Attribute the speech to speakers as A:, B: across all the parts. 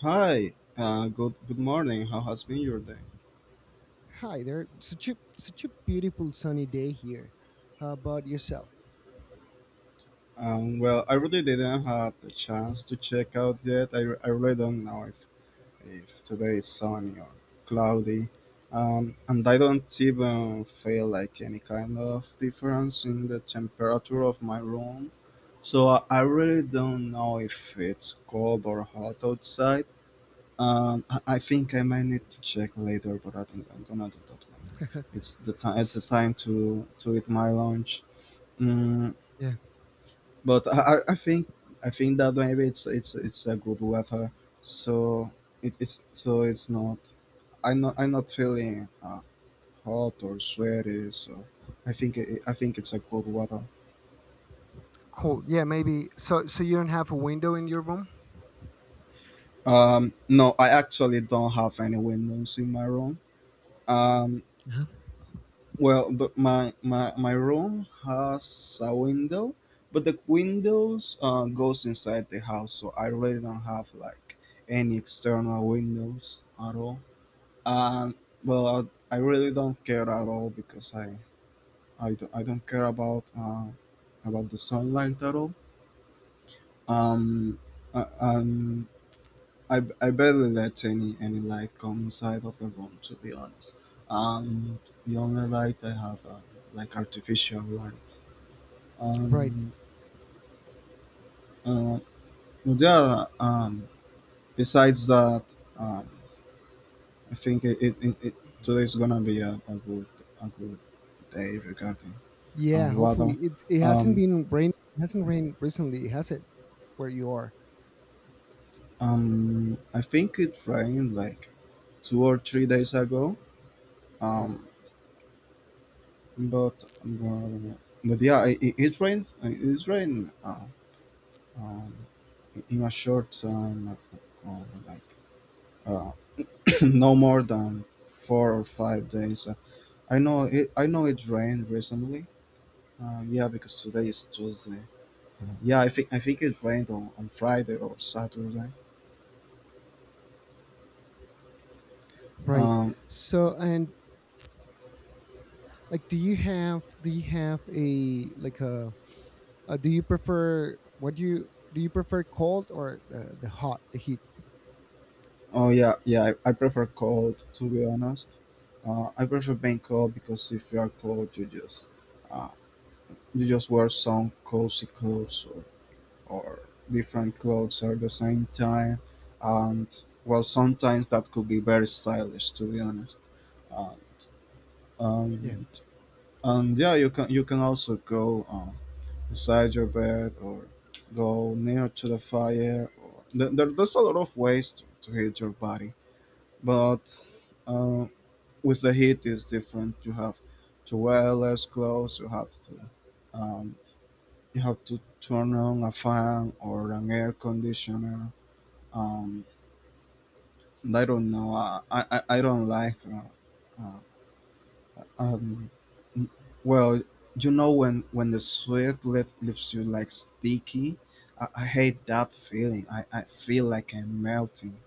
A: Good morning. How has been your day?
B: Hi there. Such a beautiful sunny day here. How about yourself?
A: Well, I really didn't have the chance to check out yet. I really don't know if today is sunny or cloudy. And I don't even feel like any kind of difference in the temperature of my room. So I really don't know if it's cold or hot outside. I think I might need to check later, but I think I'm gonna do that one. It's the time. It's the
B: S-
A: time to eat my lunch. Mm,
B: Yeah,
A: but I think I think that maybe it's a good weather, so it is so it's not. I'm not feeling hot or sweaty, so I think it's a good weather.
B: cold. Yeah, maybe. So, you don't have a window in your room?
A: No, I actually don't have any windows in my room. Um,
B: Uh-huh.
A: Well, but my room has a window, but the windows goes inside the house, so I really don't have like any external windows at all. And well, I really don't care at all because I don't care about the sunlight at all. Um, I, um, I barely let any light come inside of the room, to be honest. Um, the only light I have like artificial light.
B: Right.
A: Um, uh, but yeah, um, besides that, um, I think it, it, it, it today's gonna be a good day regarding
B: Yeah. Hopefully,
A: weather.
B: it hasn't
A: Um,
B: been rain. It hasn't rained recently, has it? Where you are.
A: I think it rained like 2 or 3 days ago.
B: Right.
A: Um, but yeah, it it rained. It rained. Um, in a short time, uh, like uh, no more than 4 or 5 days. I know it rained recently. Yeah, because today is Tuesday. Yeah, I think it rained on Friday or Saturday.
B: Right.
A: Um.
B: So and like, do you have a like a, do you prefer what do you prefer cold or the heat?
A: Oh yeah, yeah. I prefer cold, to be honest. I prefer being cold because if you are cold, uh, you just wear some cozy clothes, or different clothes at the same time, and well, sometimes that could be very stylish, to be honest. Uh,
B: Yeah.
A: um, and yeah, you can also go. Beside your bed or go near to the fire, or there's a lot of ways to heat your body, but uh, with the heat is different. You have to wear less clothes. You have to um, you have to turn on a fan or an air conditioner. um, I don't like uh, Um, n- well, you know when the sweat left leaves you like sticky. I hate that feeling. I feel like I'm melting.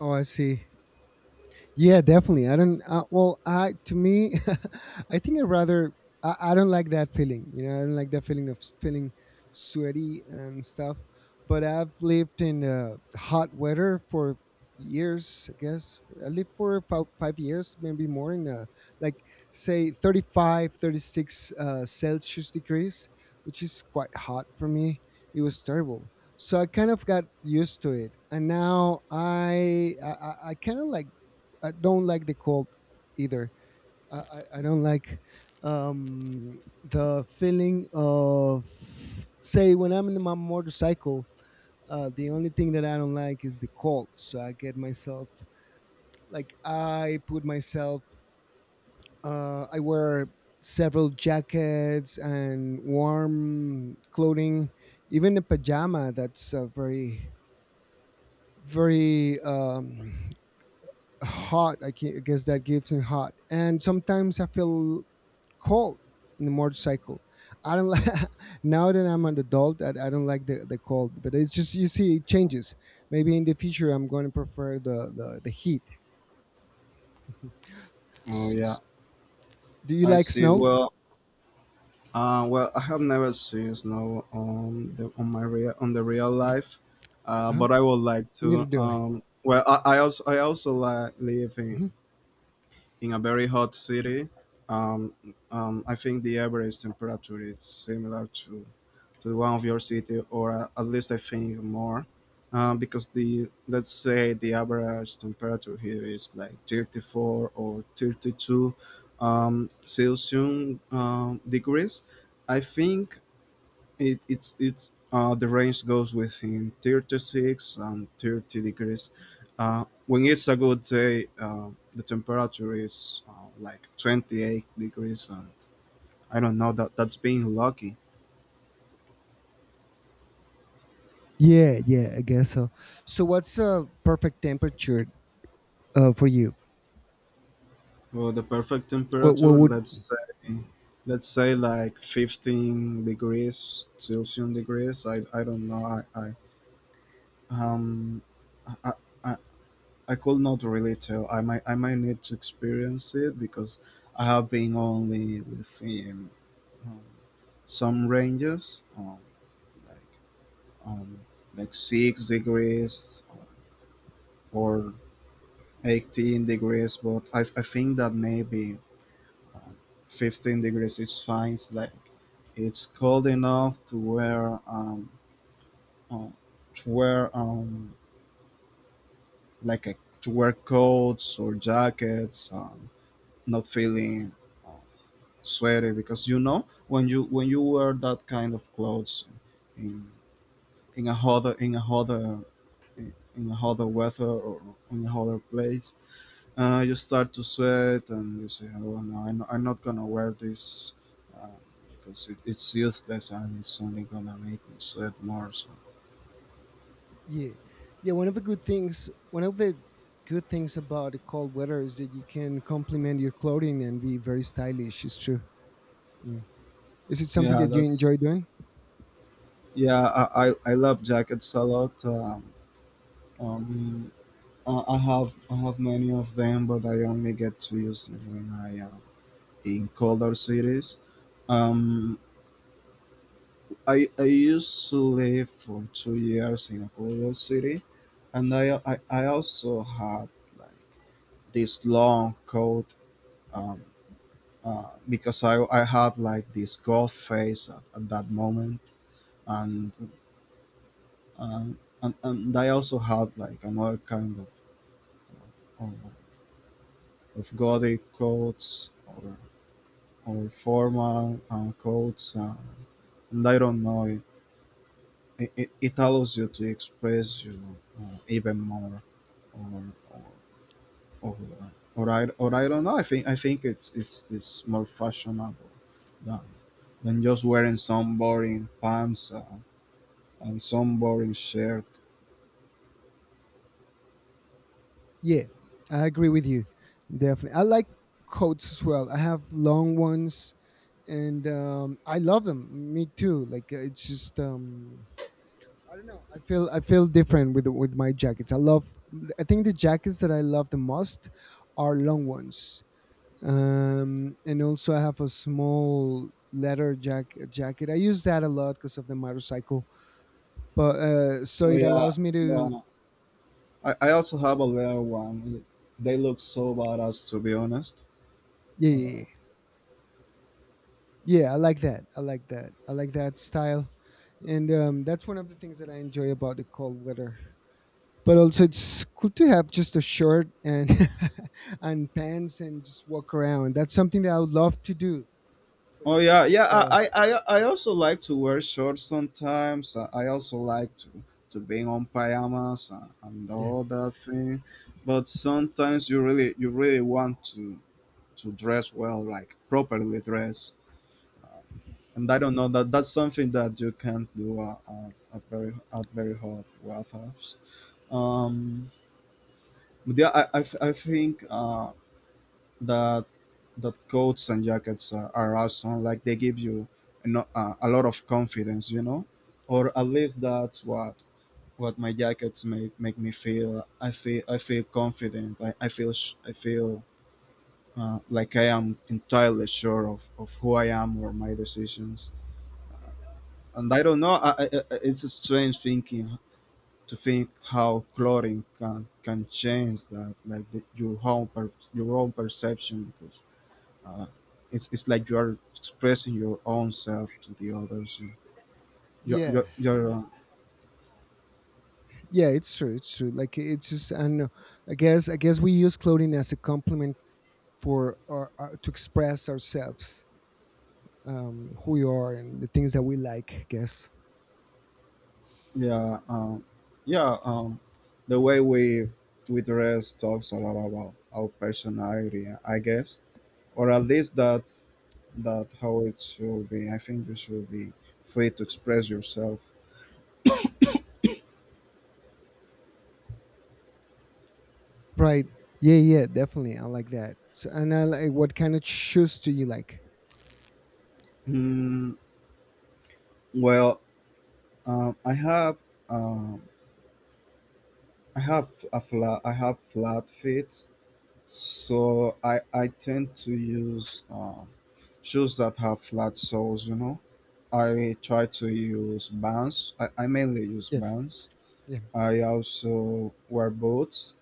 B: Oh, I see. Yeah, definitely. I don't. Well, I to me, I think I rather. I don't like that feeling. You know, I don't like that feeling of feeling sweaty and stuff. But I've lived in hot weather for years. I guess I lived for five years, maybe more, in like say 35, 36 Celsius degrees, which is quite hot for me. It was terrible. So I kind of got used to it, and now I kind of like I don't like the cold either. I don't like the feeling of, say, when I'm in my motorcycle, the only thing that I don't like is the cold. So I get myself, like, I put myself, I wear several jackets and warm clothing, even a pajama that's very, very hot. I guess that gives me hot. And sometimes I feel cold in the motorcycle. I don't like now that I'm an adult. I don't like the cold, but it's just you see it changes. Maybe in the future I'm going to prefer the heat.
A: Oh
B: S-
A: yeah,
B: s- do you
A: I
B: like
A: see.
B: snow?
A: Well, I have never seen snow on the real life,
B: Uh-huh.
A: but I would like
B: Neither
A: to.
B: do I.
A: I also like live
B: Mhm.
A: in a very hot city. um, I think the average temperature is similar to one of your city, or at least I think more, because the let's say the average temperature here is like 34 or 32 Celsius degrees. I think it's the range goes within 36 and 30 degrees. When it's a good day, the temperature is like 28 degrees, and I don't know, that that's being lucky.
B: Yeah, yeah, I guess so. So what's a perfect temperature for you?
A: Well, the perfect
B: What what
A: temperature,
B: would
A: let's say like 15 degrees Celsius degrees. I don't know. Um I, I, I could not really tell. I might need to experience it because I have been only within um, some ranges, like um, like 6 degrees or 18 degrees. But I think that maybe um, 15 degrees is fine. It's cold enough um to wear like a to wear coats or jackets. Not feeling uh, sweaty, because you know when you wear that kind of clothes in in a hotter in a hotter in a hotter weather, or in a hotter place, you start to sweat and you say, oh no, I'm not gonna wear this uh, because it, it's useless and it's only gonna make me sweat more. So
B: yeah, yeah, one of the good things one of the good things about the cold weather is that you can complement your clothing and be very stylish. It's true. Yeah. Is it something
A: yeah,
B: that you
A: that's
B: enjoy doing?
A: yeah I love jackets a lot. Um I have many of them, but I only get to use them when I am in colder cities. Um, I used to live for 2 years in a colder city, and I also had like this long coat um, because I had like this goth face at that moment, and and I also had like another kind of of, of gothic coats or formal codes and I don't know it allows you to express you even more or or, or, uh, or I don't know, I think it's more fashionable than, than just wearing some boring pants and some boring shirt.
B: Yeah, I agree with you. Definitely. I like coats as well. I have long ones and I love them. Me too. Like it's just I don't know. I feel different with my jackets. I love I think the jackets that I love the most are long ones. And also I have a small leather jacket. I use that a lot because of the motorcycle, but so
A: Oh
B: it
A: yeah,
B: allows me to
A: yeah. I also have a little one. They look so badass, to be honest.
B: yeah, yeah,
A: Uh,
B: yeah. Yeah, I like that. I like that. I like that style, and that's one of the things that I enjoy about the cold weather. But also, it's cool to have just a shirt and and pants and just walk around. That's something that I would love to do, but
A: Oh
B: it's
A: yeah, yeah.
B: just
A: I I I I also like to wear shorts sometimes. I also like to be on pajamas and
B: yeah,
A: all that thing. But sometimes you really want to dress well, like properly dress. And I don't know, that that's something that you can't do at, very at very hot weather. Um, but yeah, I think that that coats and jackets are awesome. Like they give you a, no- a lot of confidence, you know, or at least that's what my jackets make me feel. I feel confident. I feel like I am entirely sure of who I am or my decisions. And I don't know. I- it's a strange thinking to think how clothing can change that, like the, your own per, your own perception. uh, it's like you are expressing your own self to the others. And
B: yeah,
A: you're
B: yeah, it's true, it's true. Like it's just I don't know, I guess we use clothing as a compliment for our to express ourselves, who we are and the things that we like, I guess.
A: yeah um, yeah um, the way we dress talks a lot about our personality, I guess, or at least that's that how it should be. I think you should be free to express yourself.
B: Right. Yeah, yeah, definitely, I like that. So and I like what kind of shoes do you like?
A: Mm, well, um, I have um, I have a flat I have flat feet. So I tend to use shoes that have flat soles. You know, I try to use Vans. I mainly use
B: Yeah,
A: Vans.
B: yeah,
A: I also wear boots.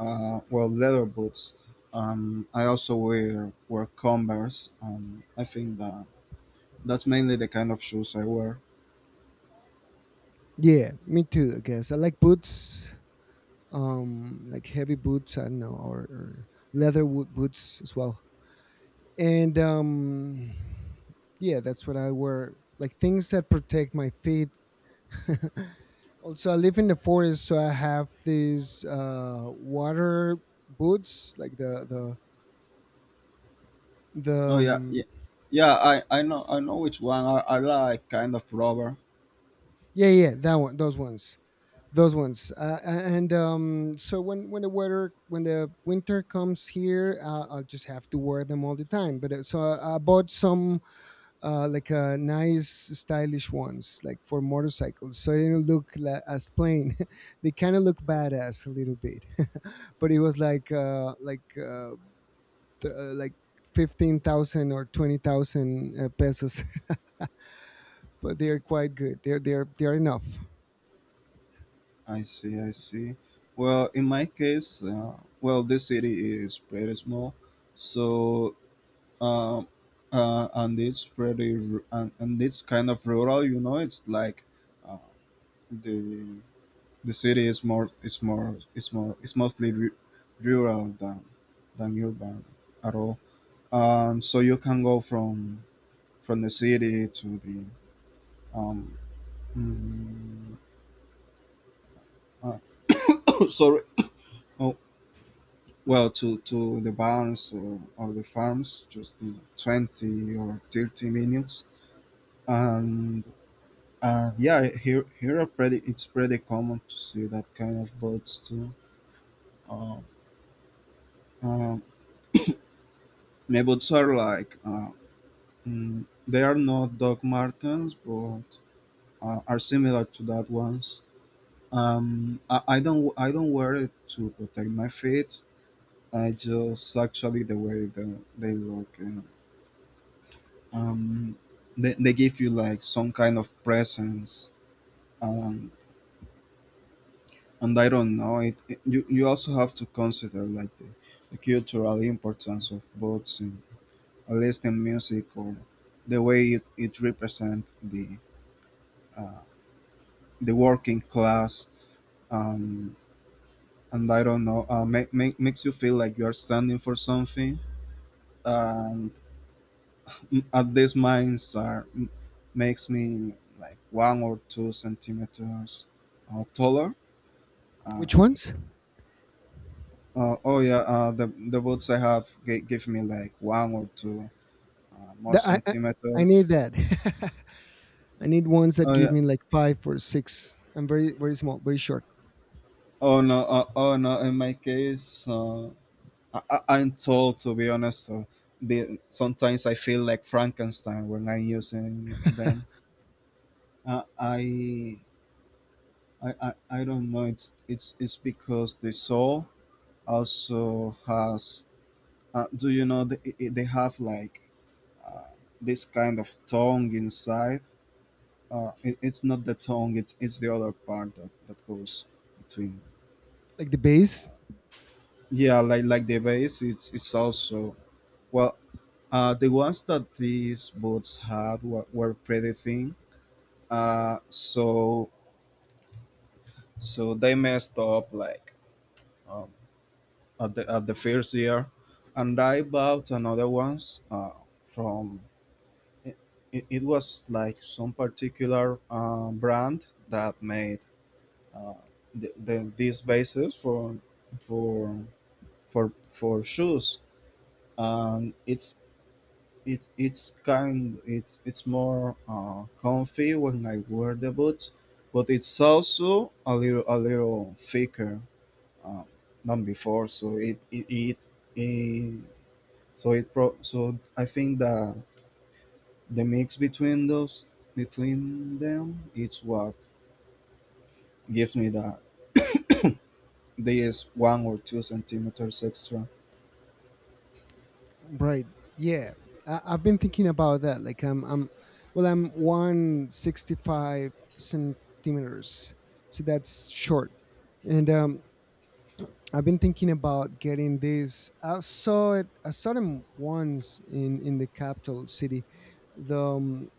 A: Well, leather boots. I also wear Converse. I think that that's mainly the kind of shoes I wear.
B: yeah, me too. I guess I like boots, like heavy boots, I don't know, or leather boots as well, and yeah, that's what I wear, like things that protect my feet. Also I live in the forest, so I have these water boots like the the the
A: Oh yeah,
B: um,
A: yeah, yeah. I know which one I like. Kind of rubber.
B: yeah, yeah, that one, those ones, those ones and so when the weather when the winter comes here, I'll just have to wear them all the time, but so I bought some nice stylish ones like for motorcycles, so they don't look as plain, they kind of look badass a little bit. But it was like like 15,000 or 20,000 pesos, but they are quite good. They're they are enough.
A: I see, I see. Well, in my case, well, this city is pretty small, so um, and it's pretty ru- and it's kind of rural. You know, it's like uh, the the city is more is more is more is mostly ru- rural than urban at all. So you can go from the city to the um. mm, uh, sorry. Oh, well, to the barns or the farms, just in 20 or 30 minutes. And yeah, here, here are pretty, it's pretty common to see that kind of boats too. Uh, um, my boats are like, mm, they are not Doc Martens, but are similar to that ones. I don't wear it to protect my feet. I just actually the way they look. Um, they give you like some kind of presence, and and I don't know it, it- you also have to consider like the cultural importance of both in, at least in music, or the way it, it represents uh, the working class, um, and I don't know, makes you feel like you are standing for something. And m- at these mines are m- makes me like 1 or 2 centimeters taller.
B: Which
A: Uh,
B: ones?
A: oh yeah, the boots I have g- give me like 1 or 2 more
B: The, I
A: centimeters.
B: need that. I need ones that
A: Oh
B: give
A: yeah.
B: me like five or six. I'm very, very small, very short.
A: Oh no. Oh no. In my case, I'm tall, to be honest. So the, sometimes I feel like Frankenstein when I'm using them. Uh, I, I I I don't know. It's because the soul also has. Do you know they have like uh, this kind of tongue inside? It's not the tongue, it's the other part that goes between.
B: Like the base,
A: Yeah, like the bass, it's also, well, the ones that these boots had were pretty thin, so so they messed up like, um, at the first year. And I bought another ones from it, it was like some particular brand that made uh, these bases for for for shoes. And it it's kind, it's more comfy when I wear the boots, but it's also a little thicker uh, than before. So it so I think that the mix between those, between them, it's what gives me that these one or two centimeters extra.
B: right? Yeah, I've been thinking about that. Like well, I'm 165 centimeters, so that's short, and I've been thinking about getting this. I saw it. I saw them once in the capital city. The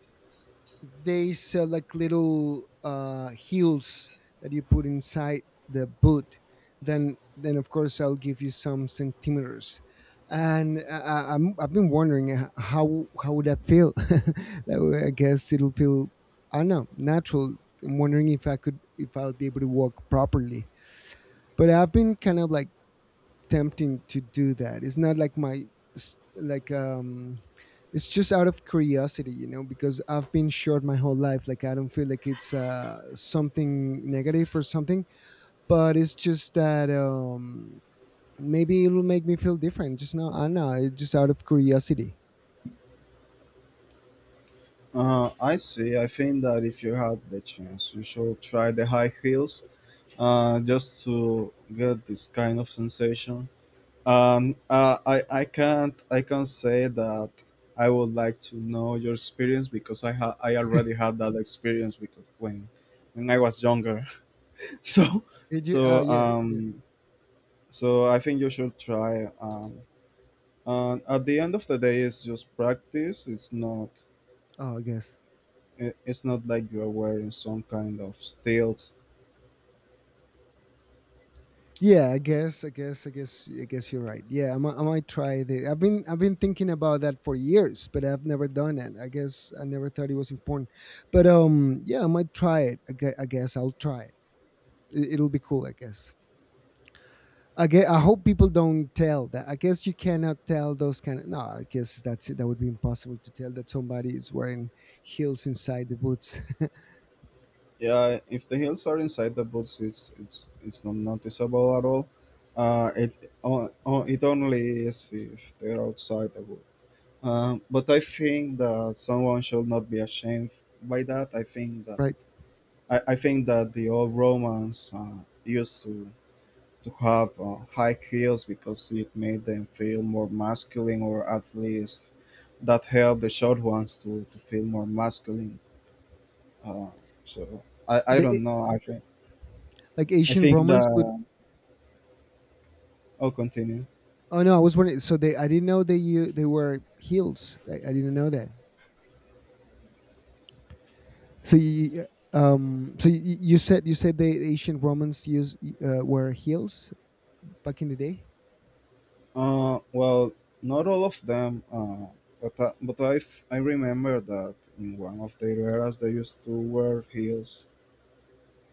B: they sell like little heels that you put inside the boot. Then of course I'll give you some centimeters. And I've been wondering how would that feel? That way, I guess it'll feel I don't know, natural. I'm wondering if I could, if I would be able to walk properly. But I've been kind of like tempting to do that. It's not like my like it's just out of curiosity, you know, because I've been short my whole life. Like I don't feel like it's something negative or something, but it's just that maybe it'll make me feel different. Just now, I don't know, it's just out of curiosity.
A: I see. I think that if you had the chance, you should try the high heels, just to get this kind of sensation. I can't, I can't say that I would like to know your experience because I already had that experience because when I was younger. so
B: Did you? Oh
A: so
B: yeah, yes.
A: um so I think you should try. And at the end of the day, it's just practice. It's not,
B: Oh, I guess.
A: it's not like you are wearing some kind of stealth.
B: Yeah, I guess you're right. Yeah, I might try the. I've been thinking about that for years, but I've never done it. I guess I never thought it was important, but yeah, I might try it. I guess I'll try it. It. It'll be cool, I guess. I guess, I hope people don't tell that. I guess you cannot tell those kind of. No, I guess that's it. That would be impossible to tell that somebody is wearing heels inside the boots.
A: Yeah, if the heels are inside the boots, it's it's not noticeable at all. It only is if they're outside the boot. But I think that someone should not be ashamed by that. I think that
B: Right?
A: I think that the old Romans used to have high heels because it made them feel more masculine, or at least that helped the short ones to feel more masculine. Uh, so I
B: The
A: don't know actually.
B: like
A: I
B: Asian
A: think
B: Romans would
A: that I'll continue.
B: oh no, I was wondering. So they, I didn't know they you they were heels. I didn't know that. So you, so you said the ancient Romans used were heels back in the day.
A: Well, not all of them. But I remember that in one of the eras they used to wear heels.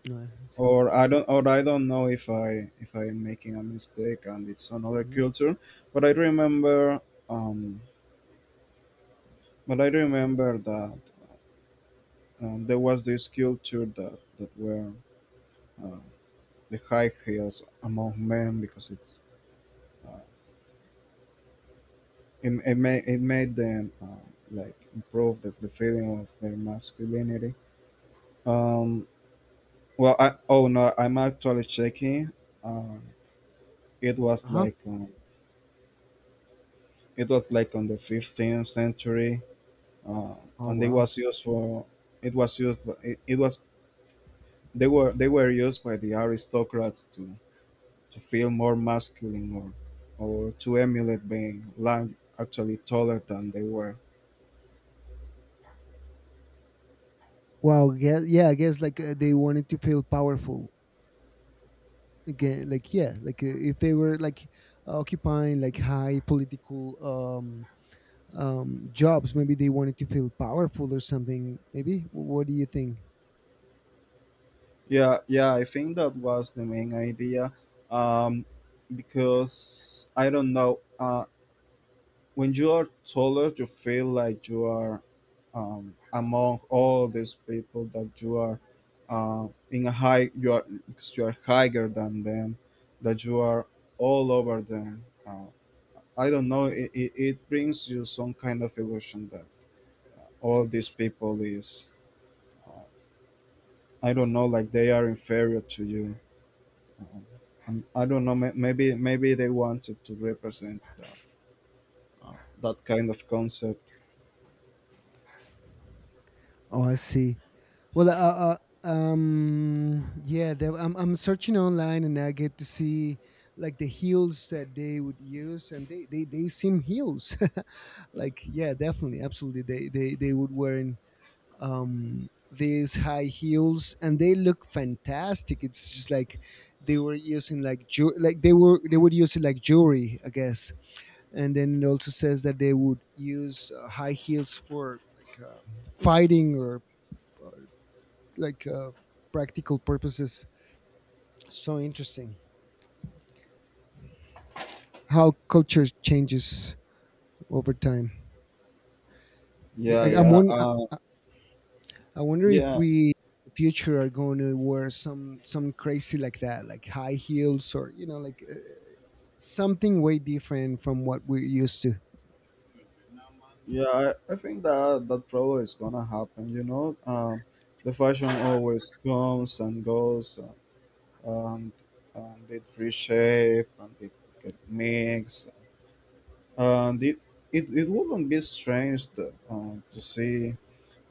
B: No, I can see.
A: Or I don't know if I if I'm making a mistake and it's another
B: Hmm.
A: culture. But I remember, um but I remember that, there was this culture that were uh, the high heels among men because it's, uh, it, it made them, like improve the feeling of their masculinity. Um, well, I oh no, I'm actually checking. Um, it was
B: Uh-huh.
A: like, it was like on the 15th century. Uh.
B: Oh
A: And it
B: wow.
A: was used for, it was they were, they were used by the aristocrats to feel more masculine, or to emulate being large, actually taller than they were.
B: Wow. Yeah. Yeah. I guess like they wanted to feel powerful again. Like yeah. Like if they were like occupying like high political um jobs. Maybe they wanted to feel powerful or something. Maybe. What do you think?
A: Yeah, yeah, I think that was the main idea. Um, because I don't know, when you are taller, you feel like you are, among all these people that you are, in a high, you are higher than them, that you are all over them. I don't know, it brings you some kind of illusion that all these people is, uh, I don't know, like they are inferior to you. Uh-huh. And I don't know, maybe, maybe they wanted to represent that kind of concept.
B: Oh, I see. Well, yeah, I'm searching online and I get to see like the heels that they would use, and they seem heels. Like, yeah, definitely, absolutely. They would wear in these high heels, and they look fantastic. It's just like they were using like like they would use it like jewelry, I guess. And then it also says that they would use high heels for like fighting or like practical purposes. So interesting how culture changes over time. Yeah,
A: Yeah,
B: I'm
A: yeah,
B: one.
A: uh,
B: I I wonder if
A: yeah,
B: we in the future are going to wear some crazy like that, like high heels, or you know, like something way different from what we're used to.
A: yeah. I think that that probably is gonna happen. You know, the fashion always comes and goes, and and it reshape, and it get mixed, and it, it wouldn't be strange to see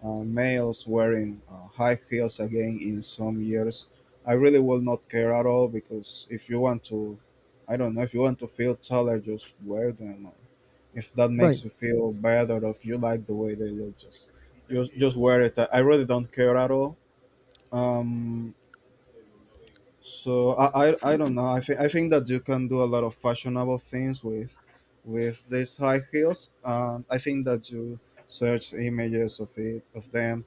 A: Males wearing high heels again in some years. I really will not care at all, because if you want to, I don't know, if you want to feel taller, just wear them. Or if that
B: Right.
A: makes you feel better, or if you like the way they look, just wear it. I really don't care at all. Um, so I don't know. I think that you can do a lot of fashionable things with these high heels. I think that you search images of it, of them.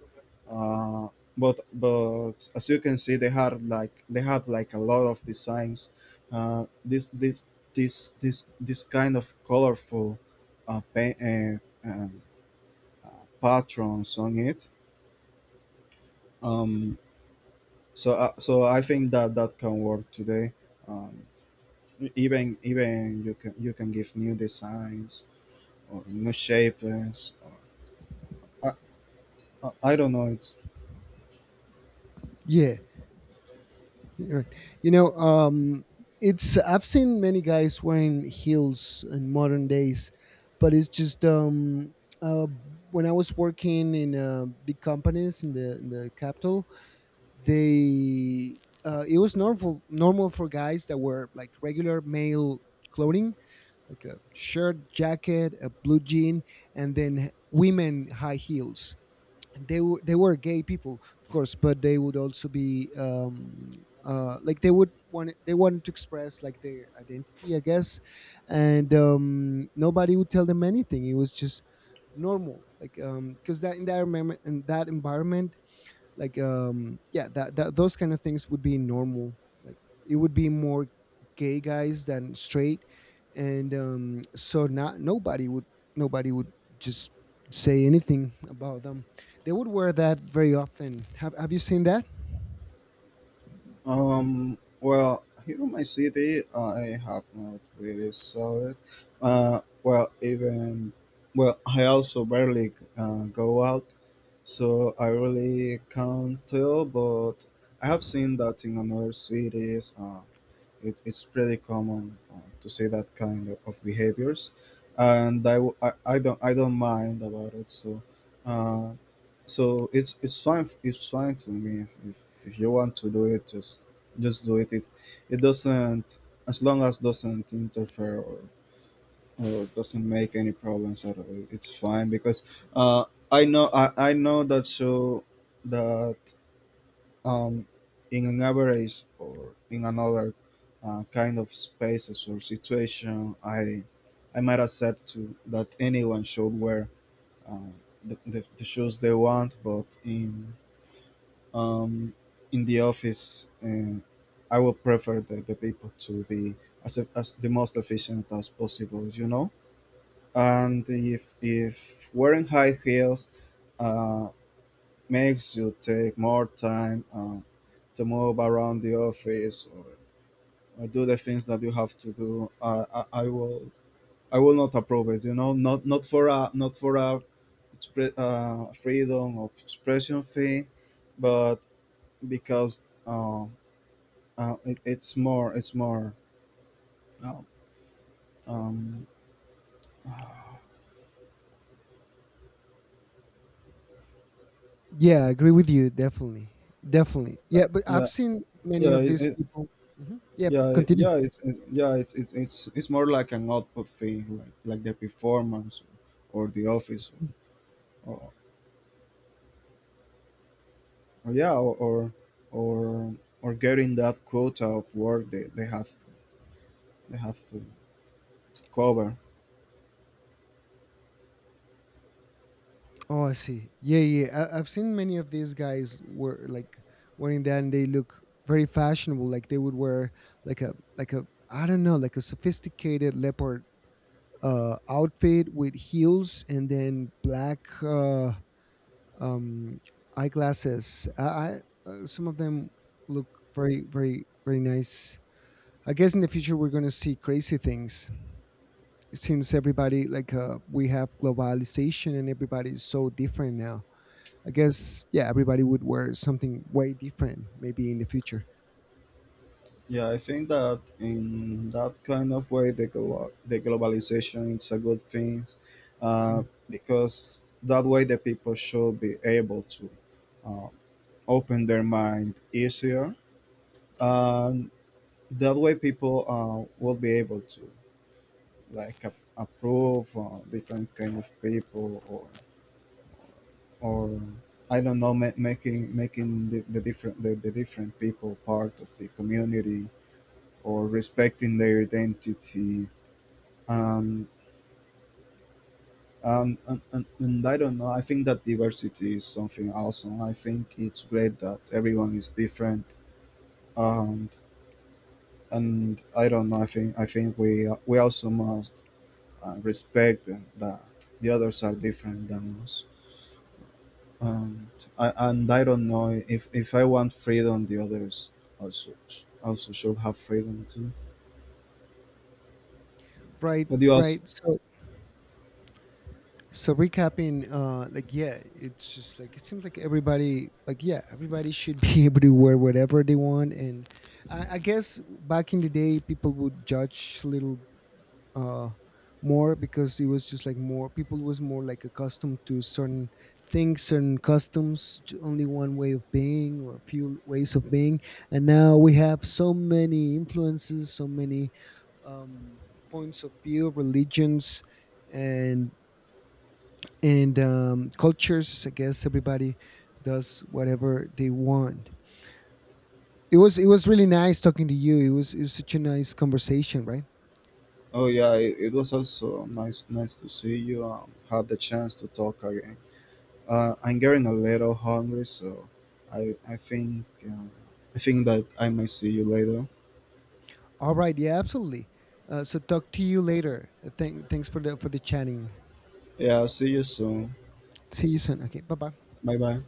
A: Uh, but as you can see, they had like a lot of designs. Uh, this this this kind of colorful uh, pa- uh, um, uh, patterns on it. Um, so I think that that can work today. Um, even you can, you can give new designs, or new shapes, or I, I don't know. It's,
B: Yeah. Right. You know, it's I've seen many guys wearing heels in modern days, but it's just uh, when I was working in big companies in the capital, they it was normal for guys that were like regular male clothing, like a shirt, jacket, a blue jean, and then women high heels. They were gay people, of course, but they would also be like they wanted to express like their identity, I guess, and nobody would tell them anything. It was just normal, like because that in that environment like yeah, that those kind of things would be normal. Like it would be more gay guys than straight, and so not nobody would nobody would just say anything about them. They would wear that very often. Have you seen that?
A: well, here in my city I have not really saw it. Well, even well, I also barely go out, so I really can't tell. But I have seen that in other cities. It, it's pretty common to see that kind of behaviors, and I don't, mind about it. So uh, so it's fine, it's fine to me if you want to do it, just do it. it. It doesn't, as long as doesn't interfere, or doesn't make any problems at all, it's fine because, uh, I know that you, that, um, in an average or in another kind of spaces or situation, I might accept to that anyone should wear uh, the shoes they want. But in, um, in the office, I would prefer the people to be as the most efficient as possible, you know. And if wearing high heels uh, makes you take more time to move around the office, or do the things that you have to do. I will, not approve it, you know, not not for a freedom of expression thing, but because, it, it's more, it's more, uh, um,
B: Yeah, I agree with you. Definitely, yeah, but
A: yeah,
B: I've seen many
A: yeah
B: of
A: it,
B: these
A: it,
B: people. Mhm. Yep,
A: yeah,
B: continue.
A: it's it, yeah, it's more like an output fee, like the performance, or the office, or, Or yeah, or, or getting that quota of work they have to cover.
B: Oh, I see. Yeah, yeah, yeah. I've seen many of these guys were like wearing that, and they look very fashionable. Like they would wear like a I don't know, like a sophisticated leopard outfit with heels and then black um eyeglasses. I Some of them look very, very, very nice. I guess in the future we're gonna see crazy things since everybody like we have globalization and everybody is so different now. I guess yeah, everybody would wear something way different maybe in the future.
A: Yeah, I think that in that kind of way, the the globalization is a good thing, uh,
B: Mm.
A: because that way the people should be able to uh, open their mind easier. And that way people will be able to approve different kind of people, or I don't know, making, making the different, the different people part of the community, or respecting their identity. Um, and I don't know. I think that diversity is something awesome. I think it's great that everyone is different. Um, and I don't know. I think we, also must respect that the others are different than us. And I don't know, if I want freedom, the others also, also should have freedom too.
B: Right,
A: But you also,
B: right. So so recapping, like yeah, it's just like it seems like everybody like yeah, everybody should be able to wear whatever they want. And I guess back in the day people would judge little uh, more, because it was just like more people was more like accustomed to certain things, certain customs, only one way of being or a few ways of being, and now we have so many influences, so many um, points of view, religions, and cultures. I guess everybody does whatever they want. It was really nice talking to you. It was such a nice conversation, right?
A: oh yeah, it was also nice, to see you. Had the chance to talk again. I'm getting a little hungry, so I I think uh, I think that I might see you later.
B: All right. Yeah, absolutely. So talk to you later. Thanks for the chatting.
A: Yeah, I'll see you soon.
B: See you soon. Okay. Bye bye.
A: Bye bye.